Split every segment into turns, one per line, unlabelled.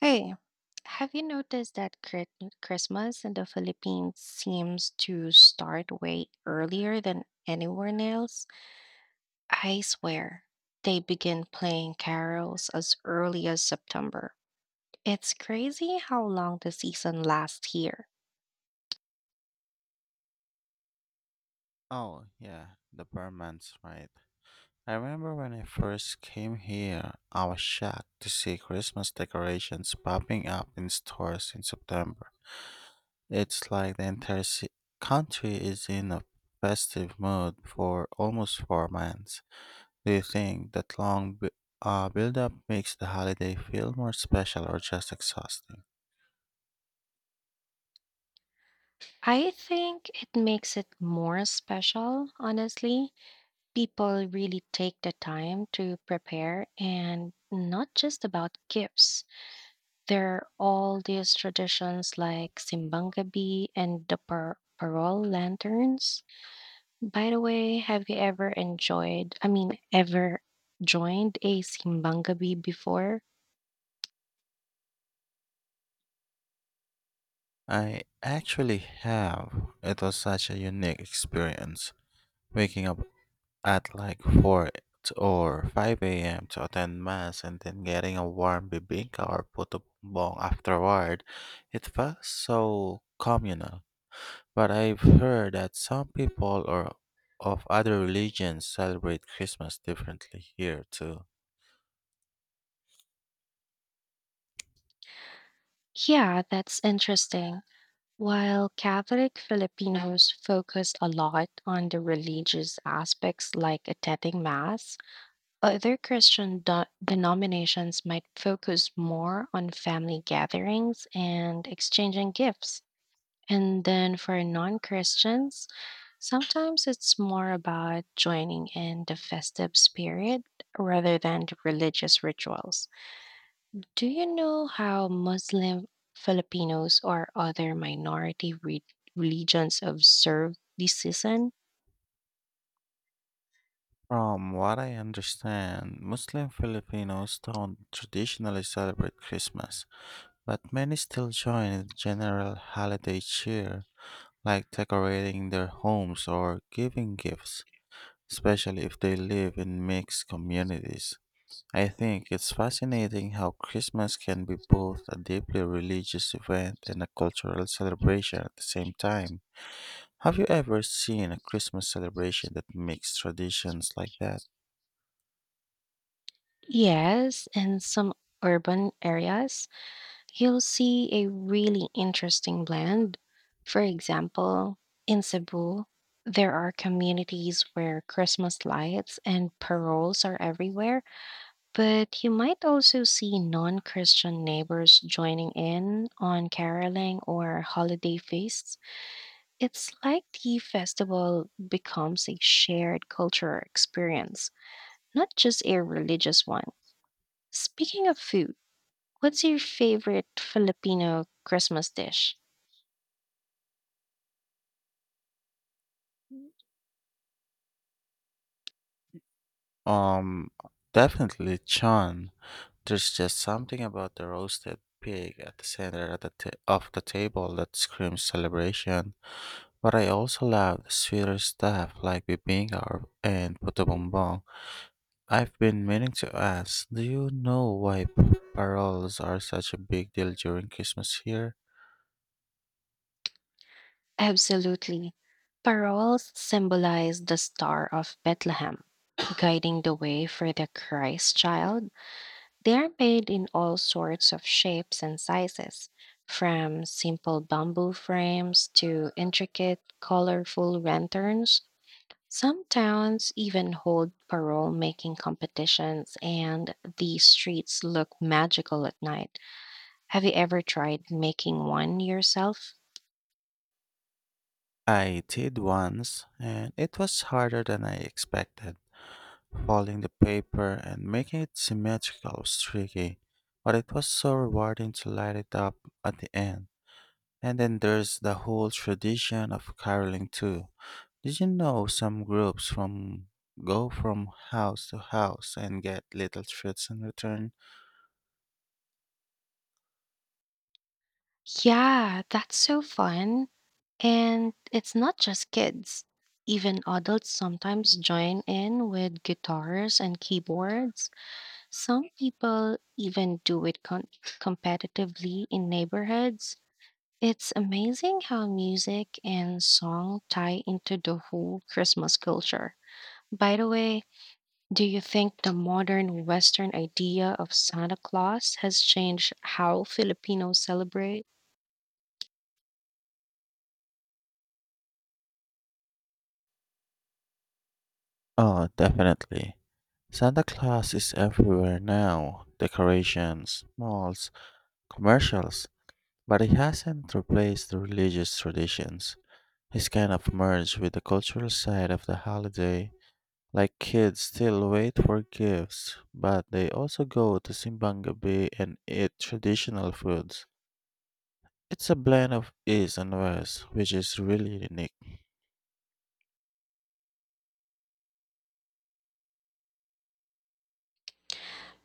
Hey, have you noticed that Christmas in the Philippines seems to start way earlier than anywhere else? I swear, they begin playing carols as early as September. It's crazy how long the season lasts here.
Oh, yeah, the Burmans, right. I remember when I first came here, I was shocked to see Christmas decorations popping up in stores in September. It's like the country is in a festive mood for almost 4 months. Do you think that long build-up makes the holiday feel more special or just exhausting?
I think it makes it more special, honestly. People really take the time to prepare and not just about gifts. There are all these traditions like simbangabi and the parol lanterns. By the way, have you ever ever joined a simbangabi before?
I actually have. It was such a unique experience. Waking up at like 4 t- or 5 a.m. to attend mass and then getting a warm bibingka or puto bong afterward, it felt so communal. But I've heard that some people or of other religions celebrate Christmas differently here too.
Yeah, that's interesting. While Catholic Filipinos focus a lot on the religious aspects like attending Mass, other Christian denominations might focus more on family gatherings and exchanging gifts. And then for non Christians, sometimes it's more about joining in the festive spirit rather than the religious rituals. Do you know how Muslim Filipinos or other minority religions observe this season?
From what I understand, Muslim Filipinos don't traditionally celebrate Christmas, but many still join in the general holiday cheer like decorating their homes or giving gifts, especially if they live in mixed communities. I think it's fascinating how Christmas can be both a deeply religious event and a cultural celebration at the same time. Have you ever seen a Christmas celebration that makes traditions like that?
Yes, in some urban areas, you'll see a really interesting blend. For example, in Cebu, there are communities where Christmas lights and paroles are everywhere, but you might also see non Christian neighbors joining in on caroling or holiday feasts. It's like the festival becomes a shared cultural experience, not just a religious one. Speaking of food, what's your favorite Filipino Christmas dish?
Um, Definitely Chan. There's just something about the roasted pig at the center at the ta- of the table that screams celebration. But I also love the sweeter stuff like bibinga and puto bongbong. I've been meaning to ask, do you know why paroles are such a big deal during Christmas here?
Absolutely. Paroles symbolize the Star of Bethlehem, guiding the way for the Christ child. They are made in all sorts of shapes and sizes, from simple bamboo frames to intricate, colorful lanterns. Some towns even hold parole making competitions, and the streets look magical at night. Have you ever tried making one yourself?
I did once, and it was harder than I expected. Folding the paper and making it symmetrical was tricky, but it was so rewarding to light it up at the end. And then there's the whole tradition of caroling too. Did you know some groups from go from house to house and get little treats in return?
Yeah, that's so fun. And it's not just kids. Even adults sometimes join in with guitars and keyboards. Some people even do it competitively in neighborhoods. It's amazing how music and song tie into the whole Christmas culture. By the way, do you think the modern Western idea of Santa Claus has changed how Filipinos celebrate?
Oh, definitely. Santa Claus is everywhere now. Decorations, malls, commercials. But he hasn't replaced the religious traditions. He's kind of merged with the cultural side of the holiday. Like kids still wait for gifts, but they also go to Simbang Gabi and eat traditional foods. It's a blend of East and West, which is really unique.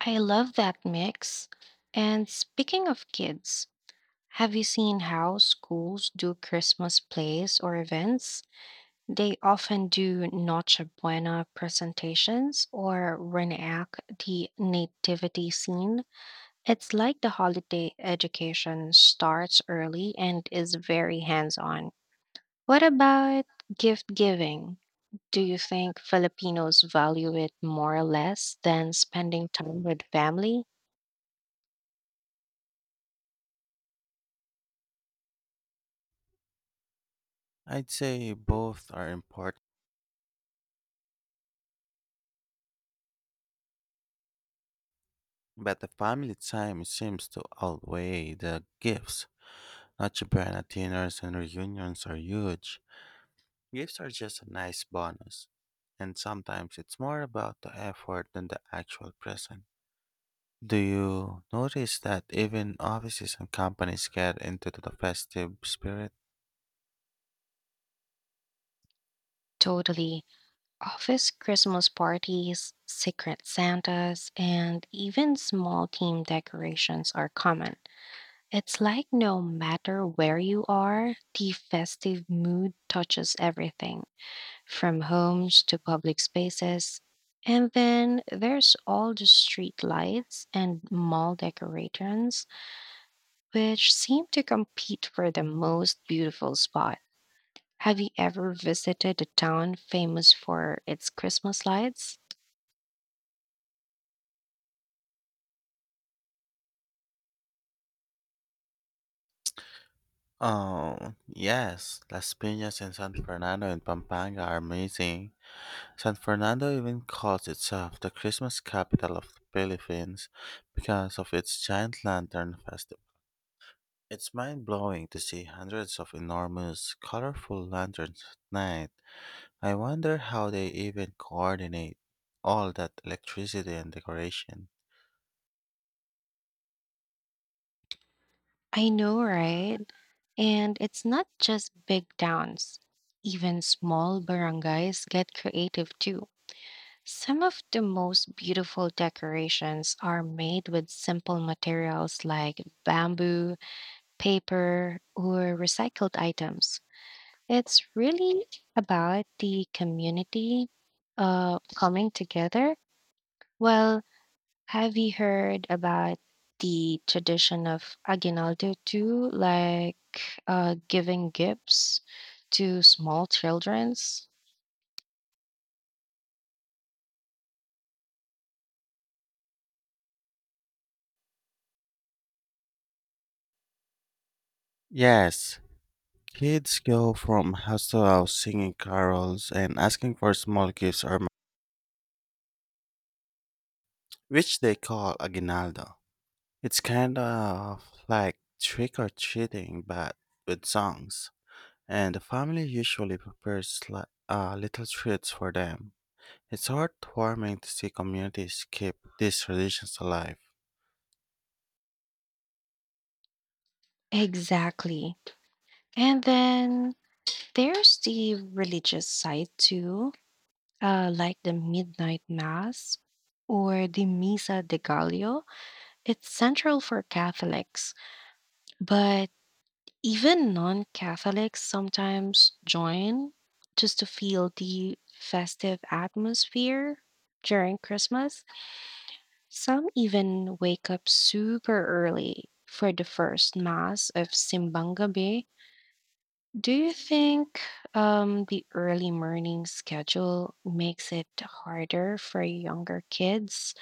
I love that mix. And speaking of kids, have you seen how schools do Christmas plays or events? They often do Noche Buena presentations or reenact the nativity scene. It's like the holiday education starts early and is very hands on. What about gift giving? Do you think Filipinos value it more or less than spending time with family?
I'd say both are important, but the family time seems to outweigh the gifts. Not Japan dinners and reunions are huge. Gifts are just a nice bonus, and sometimes it's more about the effort than the actual present. Do you notice that even offices and companies get into the festive spirit?
Totally. Office Christmas parties, secret Santas, and even small team decorations are common. It's like no matter where you are, the festive mood touches everything, from homes to public spaces. And then there's all the street lights and mall decorations, which seem to compete for the most beautiful spot. Have you ever visited a town famous for its Christmas lights?
Oh, yes. Las Piñas in San Fernando and Pampanga are amazing. San Fernando even calls itself the Christmas capital of the Philippines because of its giant lantern festival. It's mind blowing to see hundreds of enormous, colorful lanterns at night. I wonder how they even coordinate all that electricity and decoration.
I know, right? And it's not just big towns. Even small barangays get creative too. Some of the most beautiful decorations are made with simple materials like bamboo, paper, or recycled items. It's really about the community coming together. While have you heard about the tradition of aguinaldo too, like giving gifts to small children's?
Yes, kids go from house to house singing carols and asking for small gifts or money, which they call aguinaldo. It's kind of like trick or treating but with songs, and the family usually prepares little treats for them. It's heartwarming to see communities keep these traditions alive.
Exactly. And then there's the religious side too, like the midnight mass or the Misa de Gallo. It's central for Catholics, but even non Catholics sometimes join just to feel the festive atmosphere during Christmas. Some even wake up super early for the first Mass of Simbang Gabi. Do you think the early morning schedule makes it harder for younger kids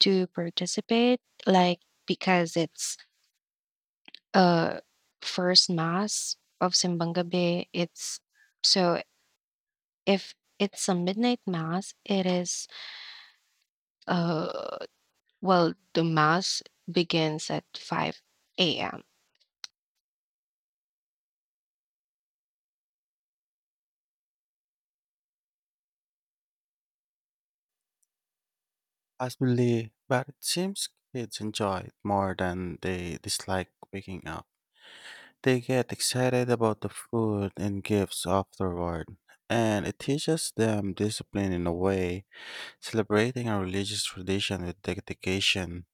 to participate? Like, because it's uh first mass of simbang gabi, it's so, if it's a midnight mass it is, uh well, the mass begins at 5 a.m.
Possibly, but it seems kids enjoy it more than they dislike waking up. They get excited about the food and gifts afterward, and it teaches them discipline in a way, celebrating a religious tradition with dedication.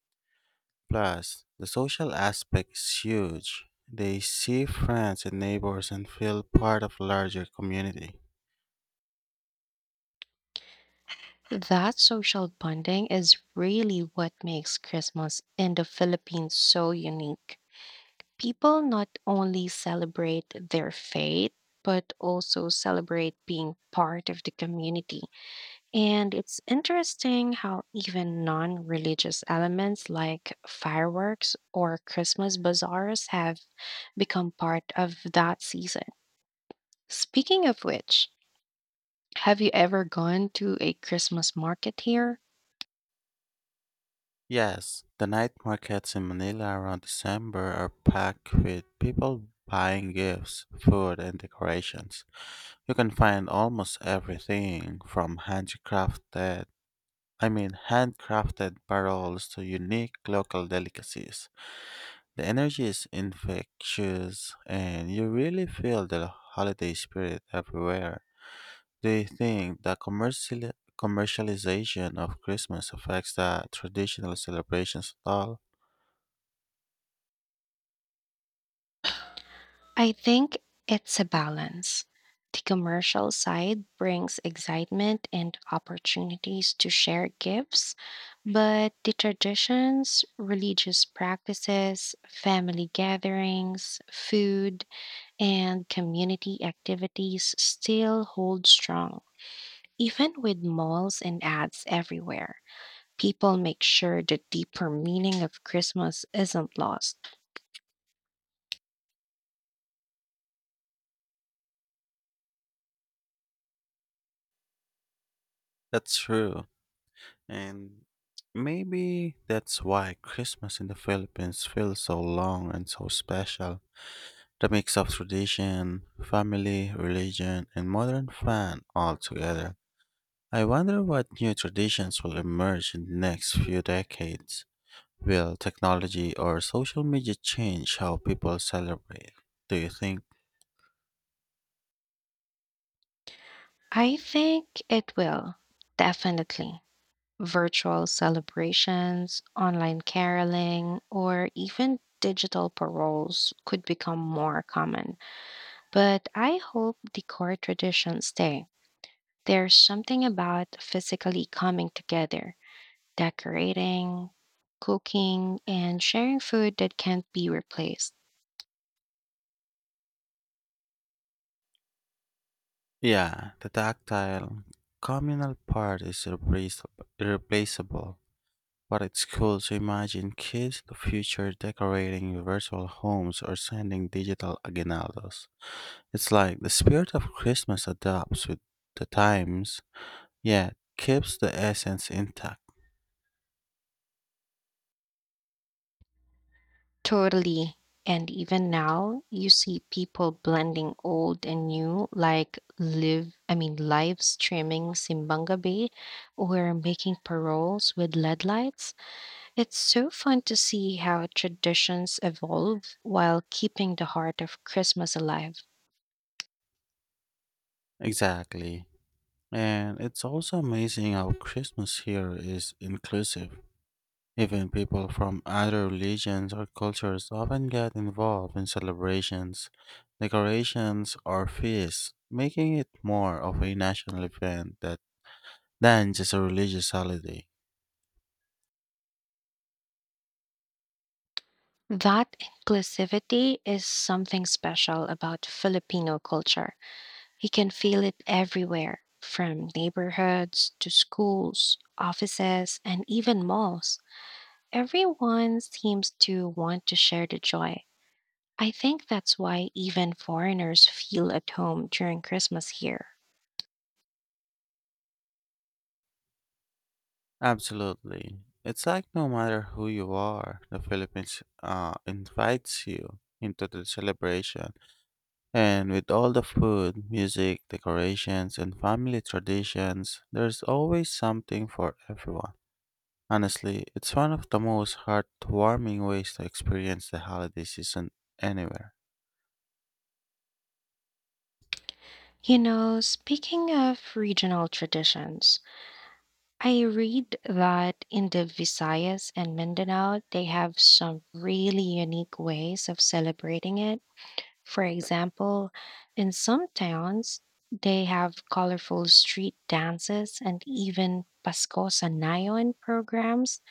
Plus, the social aspect is huge. They see friends and neighbors and feel part of a larger community.
That social bonding is really what makes christmas in the philippines so unique. People not only celebrate their faith but also celebrate being part of the community. And it's interesting how even non religious elements like fireworks or Christmas bazaars have become part of that season. Speaking of which, have you ever gone to a Christmas market here?
Yes, the night markets in Manila around December are packed with people buying gifts, food, and decorations. You can find almost everything from handcrafted barrels to unique local delicacies. The energy is infectious, and you really feel the holiday spirit everywhere. Do you think the commercialization of Christmas affects the traditional celebrations at all?
I think it's a balance. The commercial side brings excitement and opportunities to share gifts, but the traditions, religious practices, family gatherings, food, and community activities still hold strong. Even with malls and ads everywhere, people make sure the deeper meaning of Christmas isn't lost.
That's true, and maybe that's why Christmas in the Philippines feels so long and so special. The mix of tradition, family, religion, and modern fun all together. I wonder what new traditions will emerge in the next few decades. Will technology or social media change how people celebrate? Do you think?
I think it will, definitely. Virtual celebrations, online caroling, or even digital paroles could become more common. But I hope the core traditions stay. There's something about physically coming together, decorating, cooking, and sharing food that can't be replaced.
Yeah, the tactile, communal part is irreplaceable. But it's cool to imagine kids in the future decorating virtual homes or sending digital aguinaldos. It's like the spirit of Christmas adapts with the times, yet keeps the essence intact.
Totally. And even now, you see people blending old and new, like live streaming Simbanga Bay or making paroles with LED lights. It's so fun to see how traditions evolve while keeping the heart of Christmas alive.
Exactly. And it's also amazing how Christmas here is inclusive. Even people from other religions or cultures often get involved in celebrations, decorations, or feasts, making it more of a national event that, than just a religious holiday.
That inclusivity is something special about Filipino culture. You can feel it everywhere, from neighborhoods to schools, offices, and even malls. Everyone seems to want to share the joy. I think that's why even foreigners feel at home during Christmas here.
Absolutely. It's like no matter who you are, the Philippines invites you into the celebration. And with all the food, music, decorations, and family traditions, there's always something for everyone. Honestly, it's one of the most heartwarming ways to experience the holiday season anywhere.
You know, speaking of regional traditions, I read that in the Visayas and Mindanao, they have some really unique ways of celebrating it. For example, in some towns, they have colorful street dances and even Paskosa Nayon programs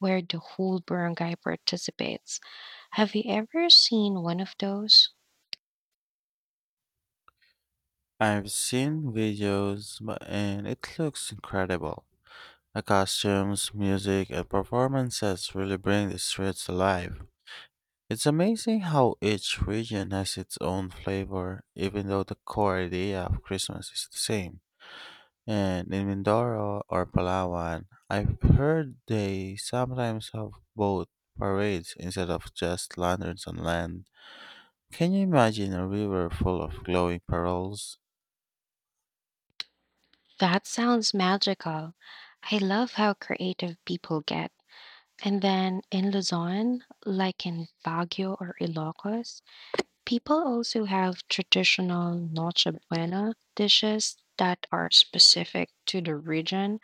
where the whole barangay participates. Have you ever seen one of those?
I've seen videos, and it looks incredible. The costumes, music, and performances really bring the streets alive. It's amazing how each region has its own flavor, even though the core idea of Christmas is the same. And in Mindoro or Palawan, I've heard they sometimes have boat parades instead of just lanterns on land. Can you imagine a river full of glowing pearls?
That sounds magical. I love how creative people get. And then in Luzon, like in Baguio or Ilocos, people also have traditional Noche Buena dishes that are specific to the region.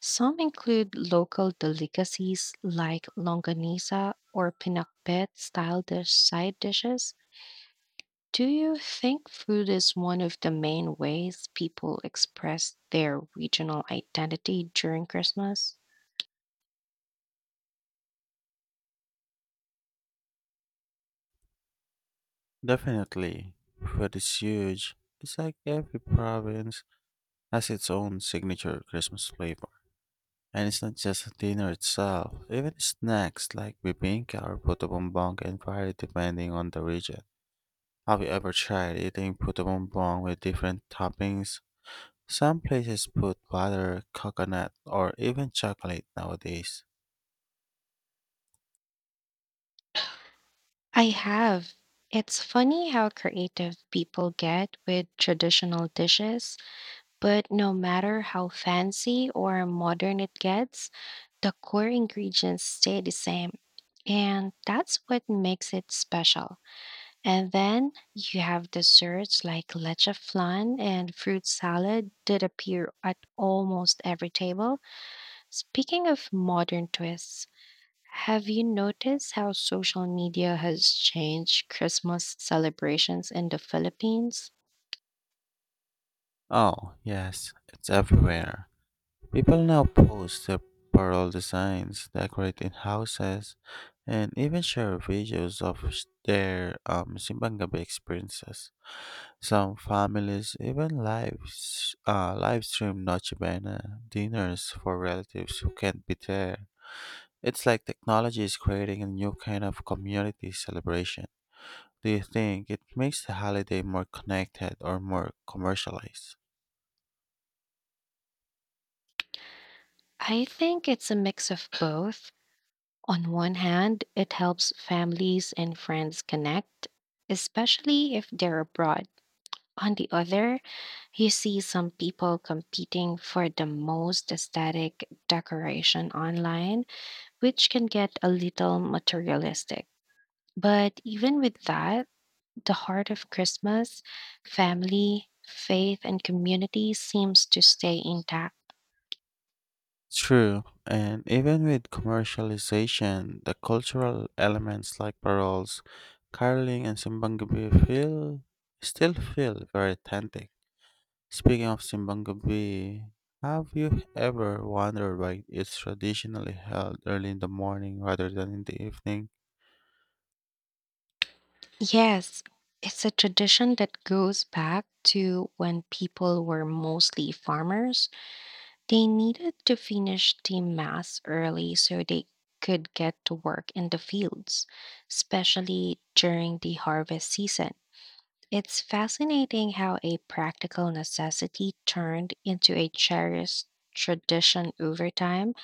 Some include local delicacies like longanisa or pinakbet style dish side dishes. Do you think food is one of the main ways people express their regional identity during Christmas?
Definitely, but it's huge. It's like every province has its own signature Christmas flavor. And it's not just dinner itself, even snacks like bibinka or puto bumbong can vary depending on the region. Have you ever tried eating puto bumbong with different toppings? Some places put butter, coconut, or even chocolate nowadays.
I have. It's funny how creative people get with traditional dishes. But no matter how fancy or modern it gets, the core ingredients stay the same. And that's what makes it special. And then you have desserts like leche flan and fruit salad that appear at almost every table. Speaking of modern twists, have you noticed how social media has changed Christmas celebrations in the Philippines?
Oh, yes, it's everywhere. People now post their pearl designs, decorate in houses, and even share videos of sh- their Simbang Gabi experiences. Some families even live stream Noche Buena dinners for relatives who can't be there. It's like technology is creating a new kind of community celebration. Do you think it makes the holiday more connected or more commercialized?
I think it's a mix of both. On one hand, it helps families and friends connect, especially if they're abroad. On the other, you see some people competing for the most aesthetic decoration online, which can get a little materialistic. But even with that, the heart of Christmas, family, faith, and community seems to stay intact.
True, and even with commercialization, the cultural elements like paroles, caroling, and simbang gabi feel still feel very authentic. Speaking of Simbangabi, have you ever wondered why it's traditionally held early in the morning rather than in the evening?
Yes, it's a tradition that goes back to when people were mostly farmers. They needed to finish the mass early so they could get to work in the fields, especially during the harvest season. It's fascinating how a practical necessity turned into a cherished tradition over time.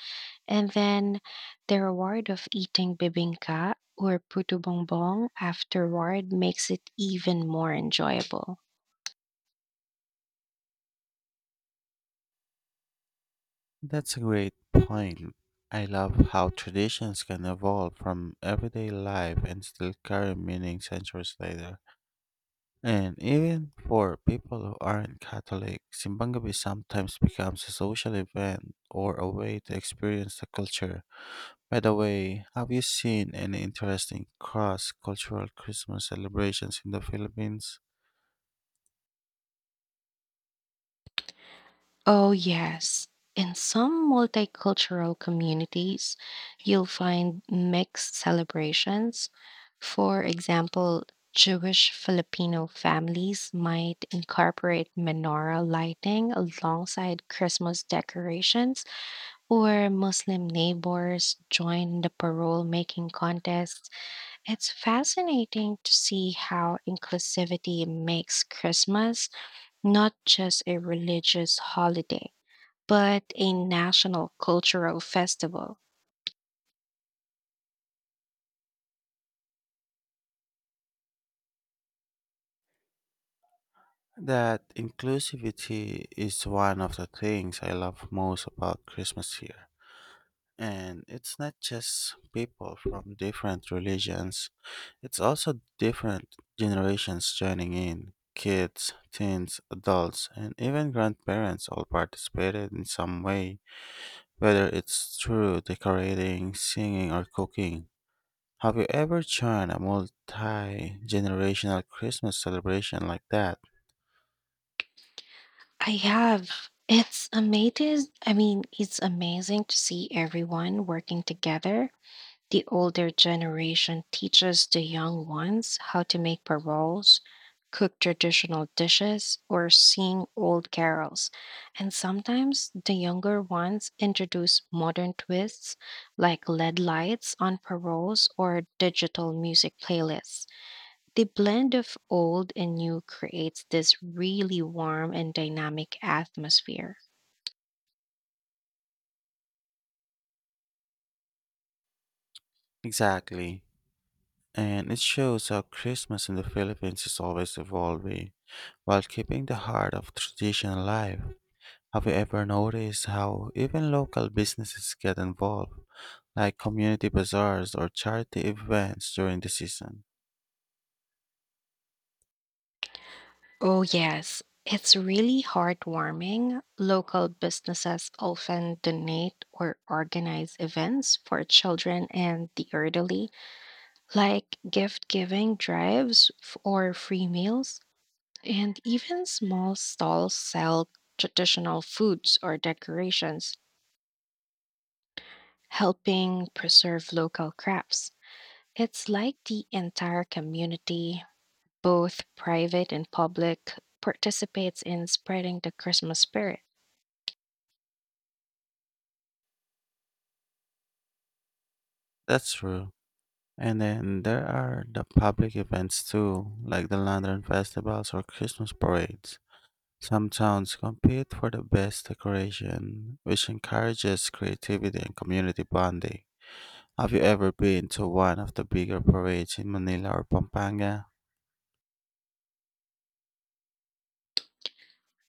And then the reward of eating bibingka or puto bongbong afterward makes it even more enjoyable.
That's a great point. I love how traditions can evolve from everyday life and still carry meaning centuries later. And even for people who aren't Catholic, Simbangabi sometimes becomes a social event or a way to experience the culture. By the way, have you seen any interesting cross cultural Christmas celebrations in the Philippines?
Oh, yes. In some multicultural communities, you'll find mixed celebrations. For example, Jewish Filipino families might incorporate menorah lighting alongside Christmas decorations, or Muslim neighbors join the parole making contest. It's fascinating to see how inclusivity makes Christmas not just a religious holiday, but a national cultural festival.
That inclusivity is one of the things I love most about Christmas here. And it's not just people from different religions, it's also different generations joining in. Kids, teens, adults, and even grandparents all participated in some way, whether it's through decorating, singing, or cooking. Have you ever joined a multi generational Christmas celebration like that?
I have. It's amazing to see everyone working together. The older generation teaches the young ones how to make paroles, cook traditional dishes, or sing old carols. And sometimes the younger ones introduce modern twists like LED lights on paroles or digital music playlists. The blend of old and new creates this really warm and dynamic atmosphere.
Exactly. And it shows how Christmas in the Philippines is always evolving while keeping the heart of tradition alive. Have you ever noticed how even local businesses get involved, like community bazaars or charity events during the season?
Oh, yes. It's really heartwarming. Local businesses often donate or organize events for children and the elderly, like gift giving drives or free meals. And even small stalls sell traditional foods or decorations, helping preserve local crafts. It's like the entire community, both private and public, participates in spreading the Christmas spirit.
That's true. And then there are the public events too, like the Lantern Festivals or Christmas parades. Some towns compete for the best decoration, which encourages creativity and community bonding. Have you ever been to one of the bigger parades in Manila or Pampanga?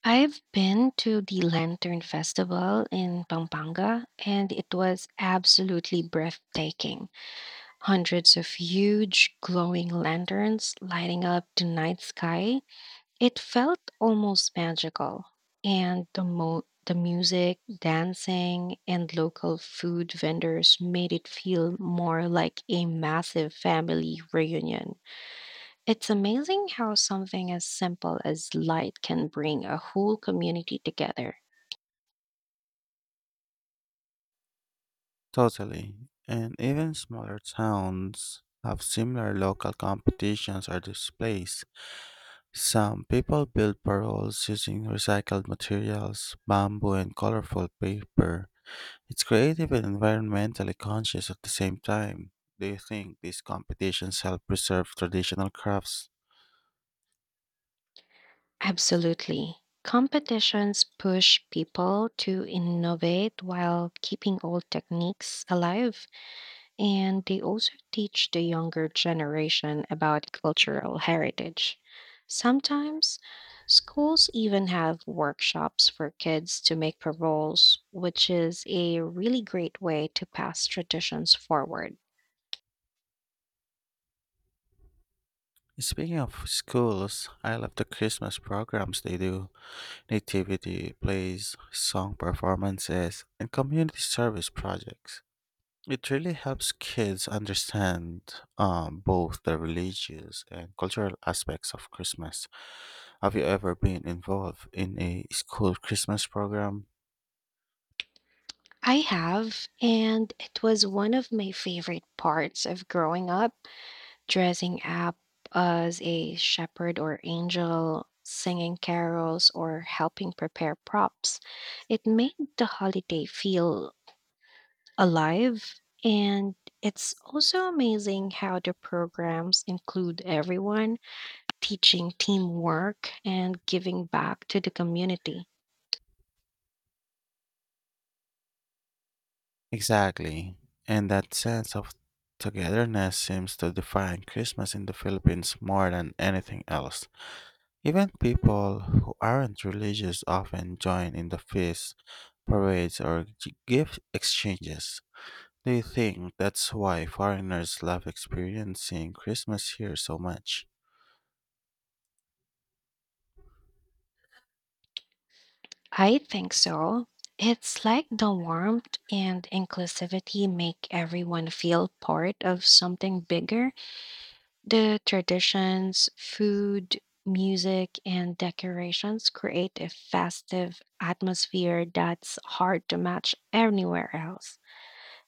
I've been to the Lantern Festival in Pampanga and it was absolutely breathtaking. Hundreds of huge glowing lanterns lighting up the night sky. It felt almost magical. And the the music, dancing, and local food vendors made it feel more like a massive family reunion. It's amazing how something as simple as light can bring a whole community together.
Totally. And even smaller towns have similar local competitions or displays. Some people build paroles using recycled materials, bamboo, and colorful paper. It's creative and environmentally conscious at the same time. Do you think these competitions help preserve traditional crafts?
Absolutely. Competitions push people to innovate while keeping old techniques alive, and they also teach the younger generation about cultural heritage. Sometimes schools even have workshops for kids to make paroles, which is a really great way to pass traditions forward.
Speaking of schools, I love the Christmas programs they do, nativity plays, song performances, and community service projects. It really helps kids understand both the religious and cultural aspects of Christmas. Have you ever been involved in a school Christmas program?
I have, and it was one of my favorite parts of growing up, dressing up as a shepherd or angel, singing carols, or helping prepare props. It made the holiday feel alive, and it's also amazing how the programs include everyone, teaching teamwork and giving back to the community.
Exactly. And that sense of togetherness seems to define Christmas in the Philippines more than anything else. Even people who aren't religious often join in the feasts, parades, or gift exchanges. Do you think that's why foreigners love experiencing Christmas here so much?
I think so. It's like the warmth and inclusivity make everyone feel part of something bigger. The traditions, food, music, and decorations create a festive atmosphere that's hard to match anywhere else.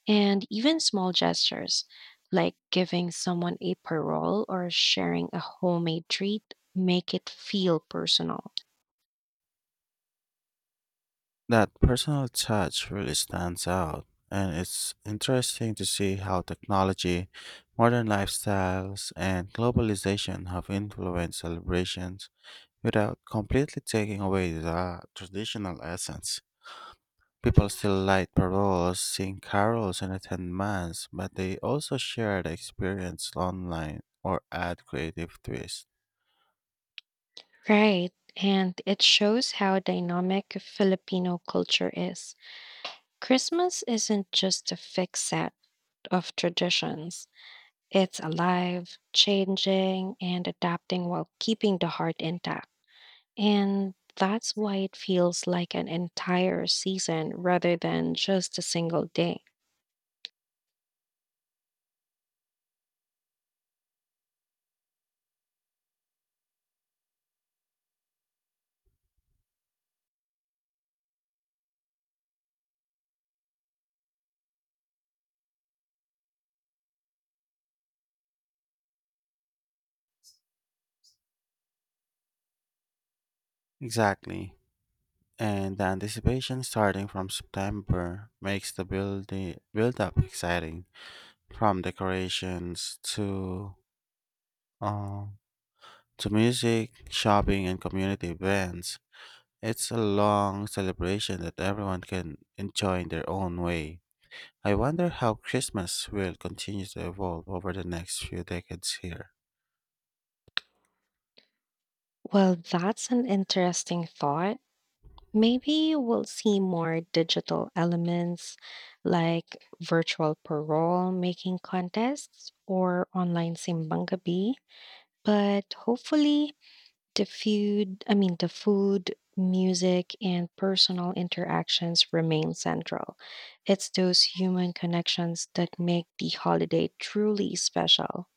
And even small gestures, like giving someone a parole or sharing a homemade treat, make it feel personal.
That personal touch really stands out, and it's interesting to see how technology, modern lifestyles, and globalization have influenced celebrations without completely taking away the traditional essence. People still light paroles, sing carols, and attend mass, but they also share the experience online or add creative twists.
Right. And it shows how dynamic Filipino culture is. Christmas isn't just a fixed set of traditions, it's alive, changing, and adapting while keeping the heart intact. And that's why it feels like an entire season rather than just a single day.
Exactly. And the anticipation starting from September makes the build build up exciting. From decorations uh, to music, shopping, and community events, it's a long celebration that everyone can enjoy in their own way. I wonder how Christmas will continue to evolve over the next few decades here.
Well, that's an interesting thought. Maybe we'll see more digital elements like virtual parole making contests or online simbangabi. But hopefully, the food, music, and personal interactions remain central. It's those human connections that make the holiday truly special.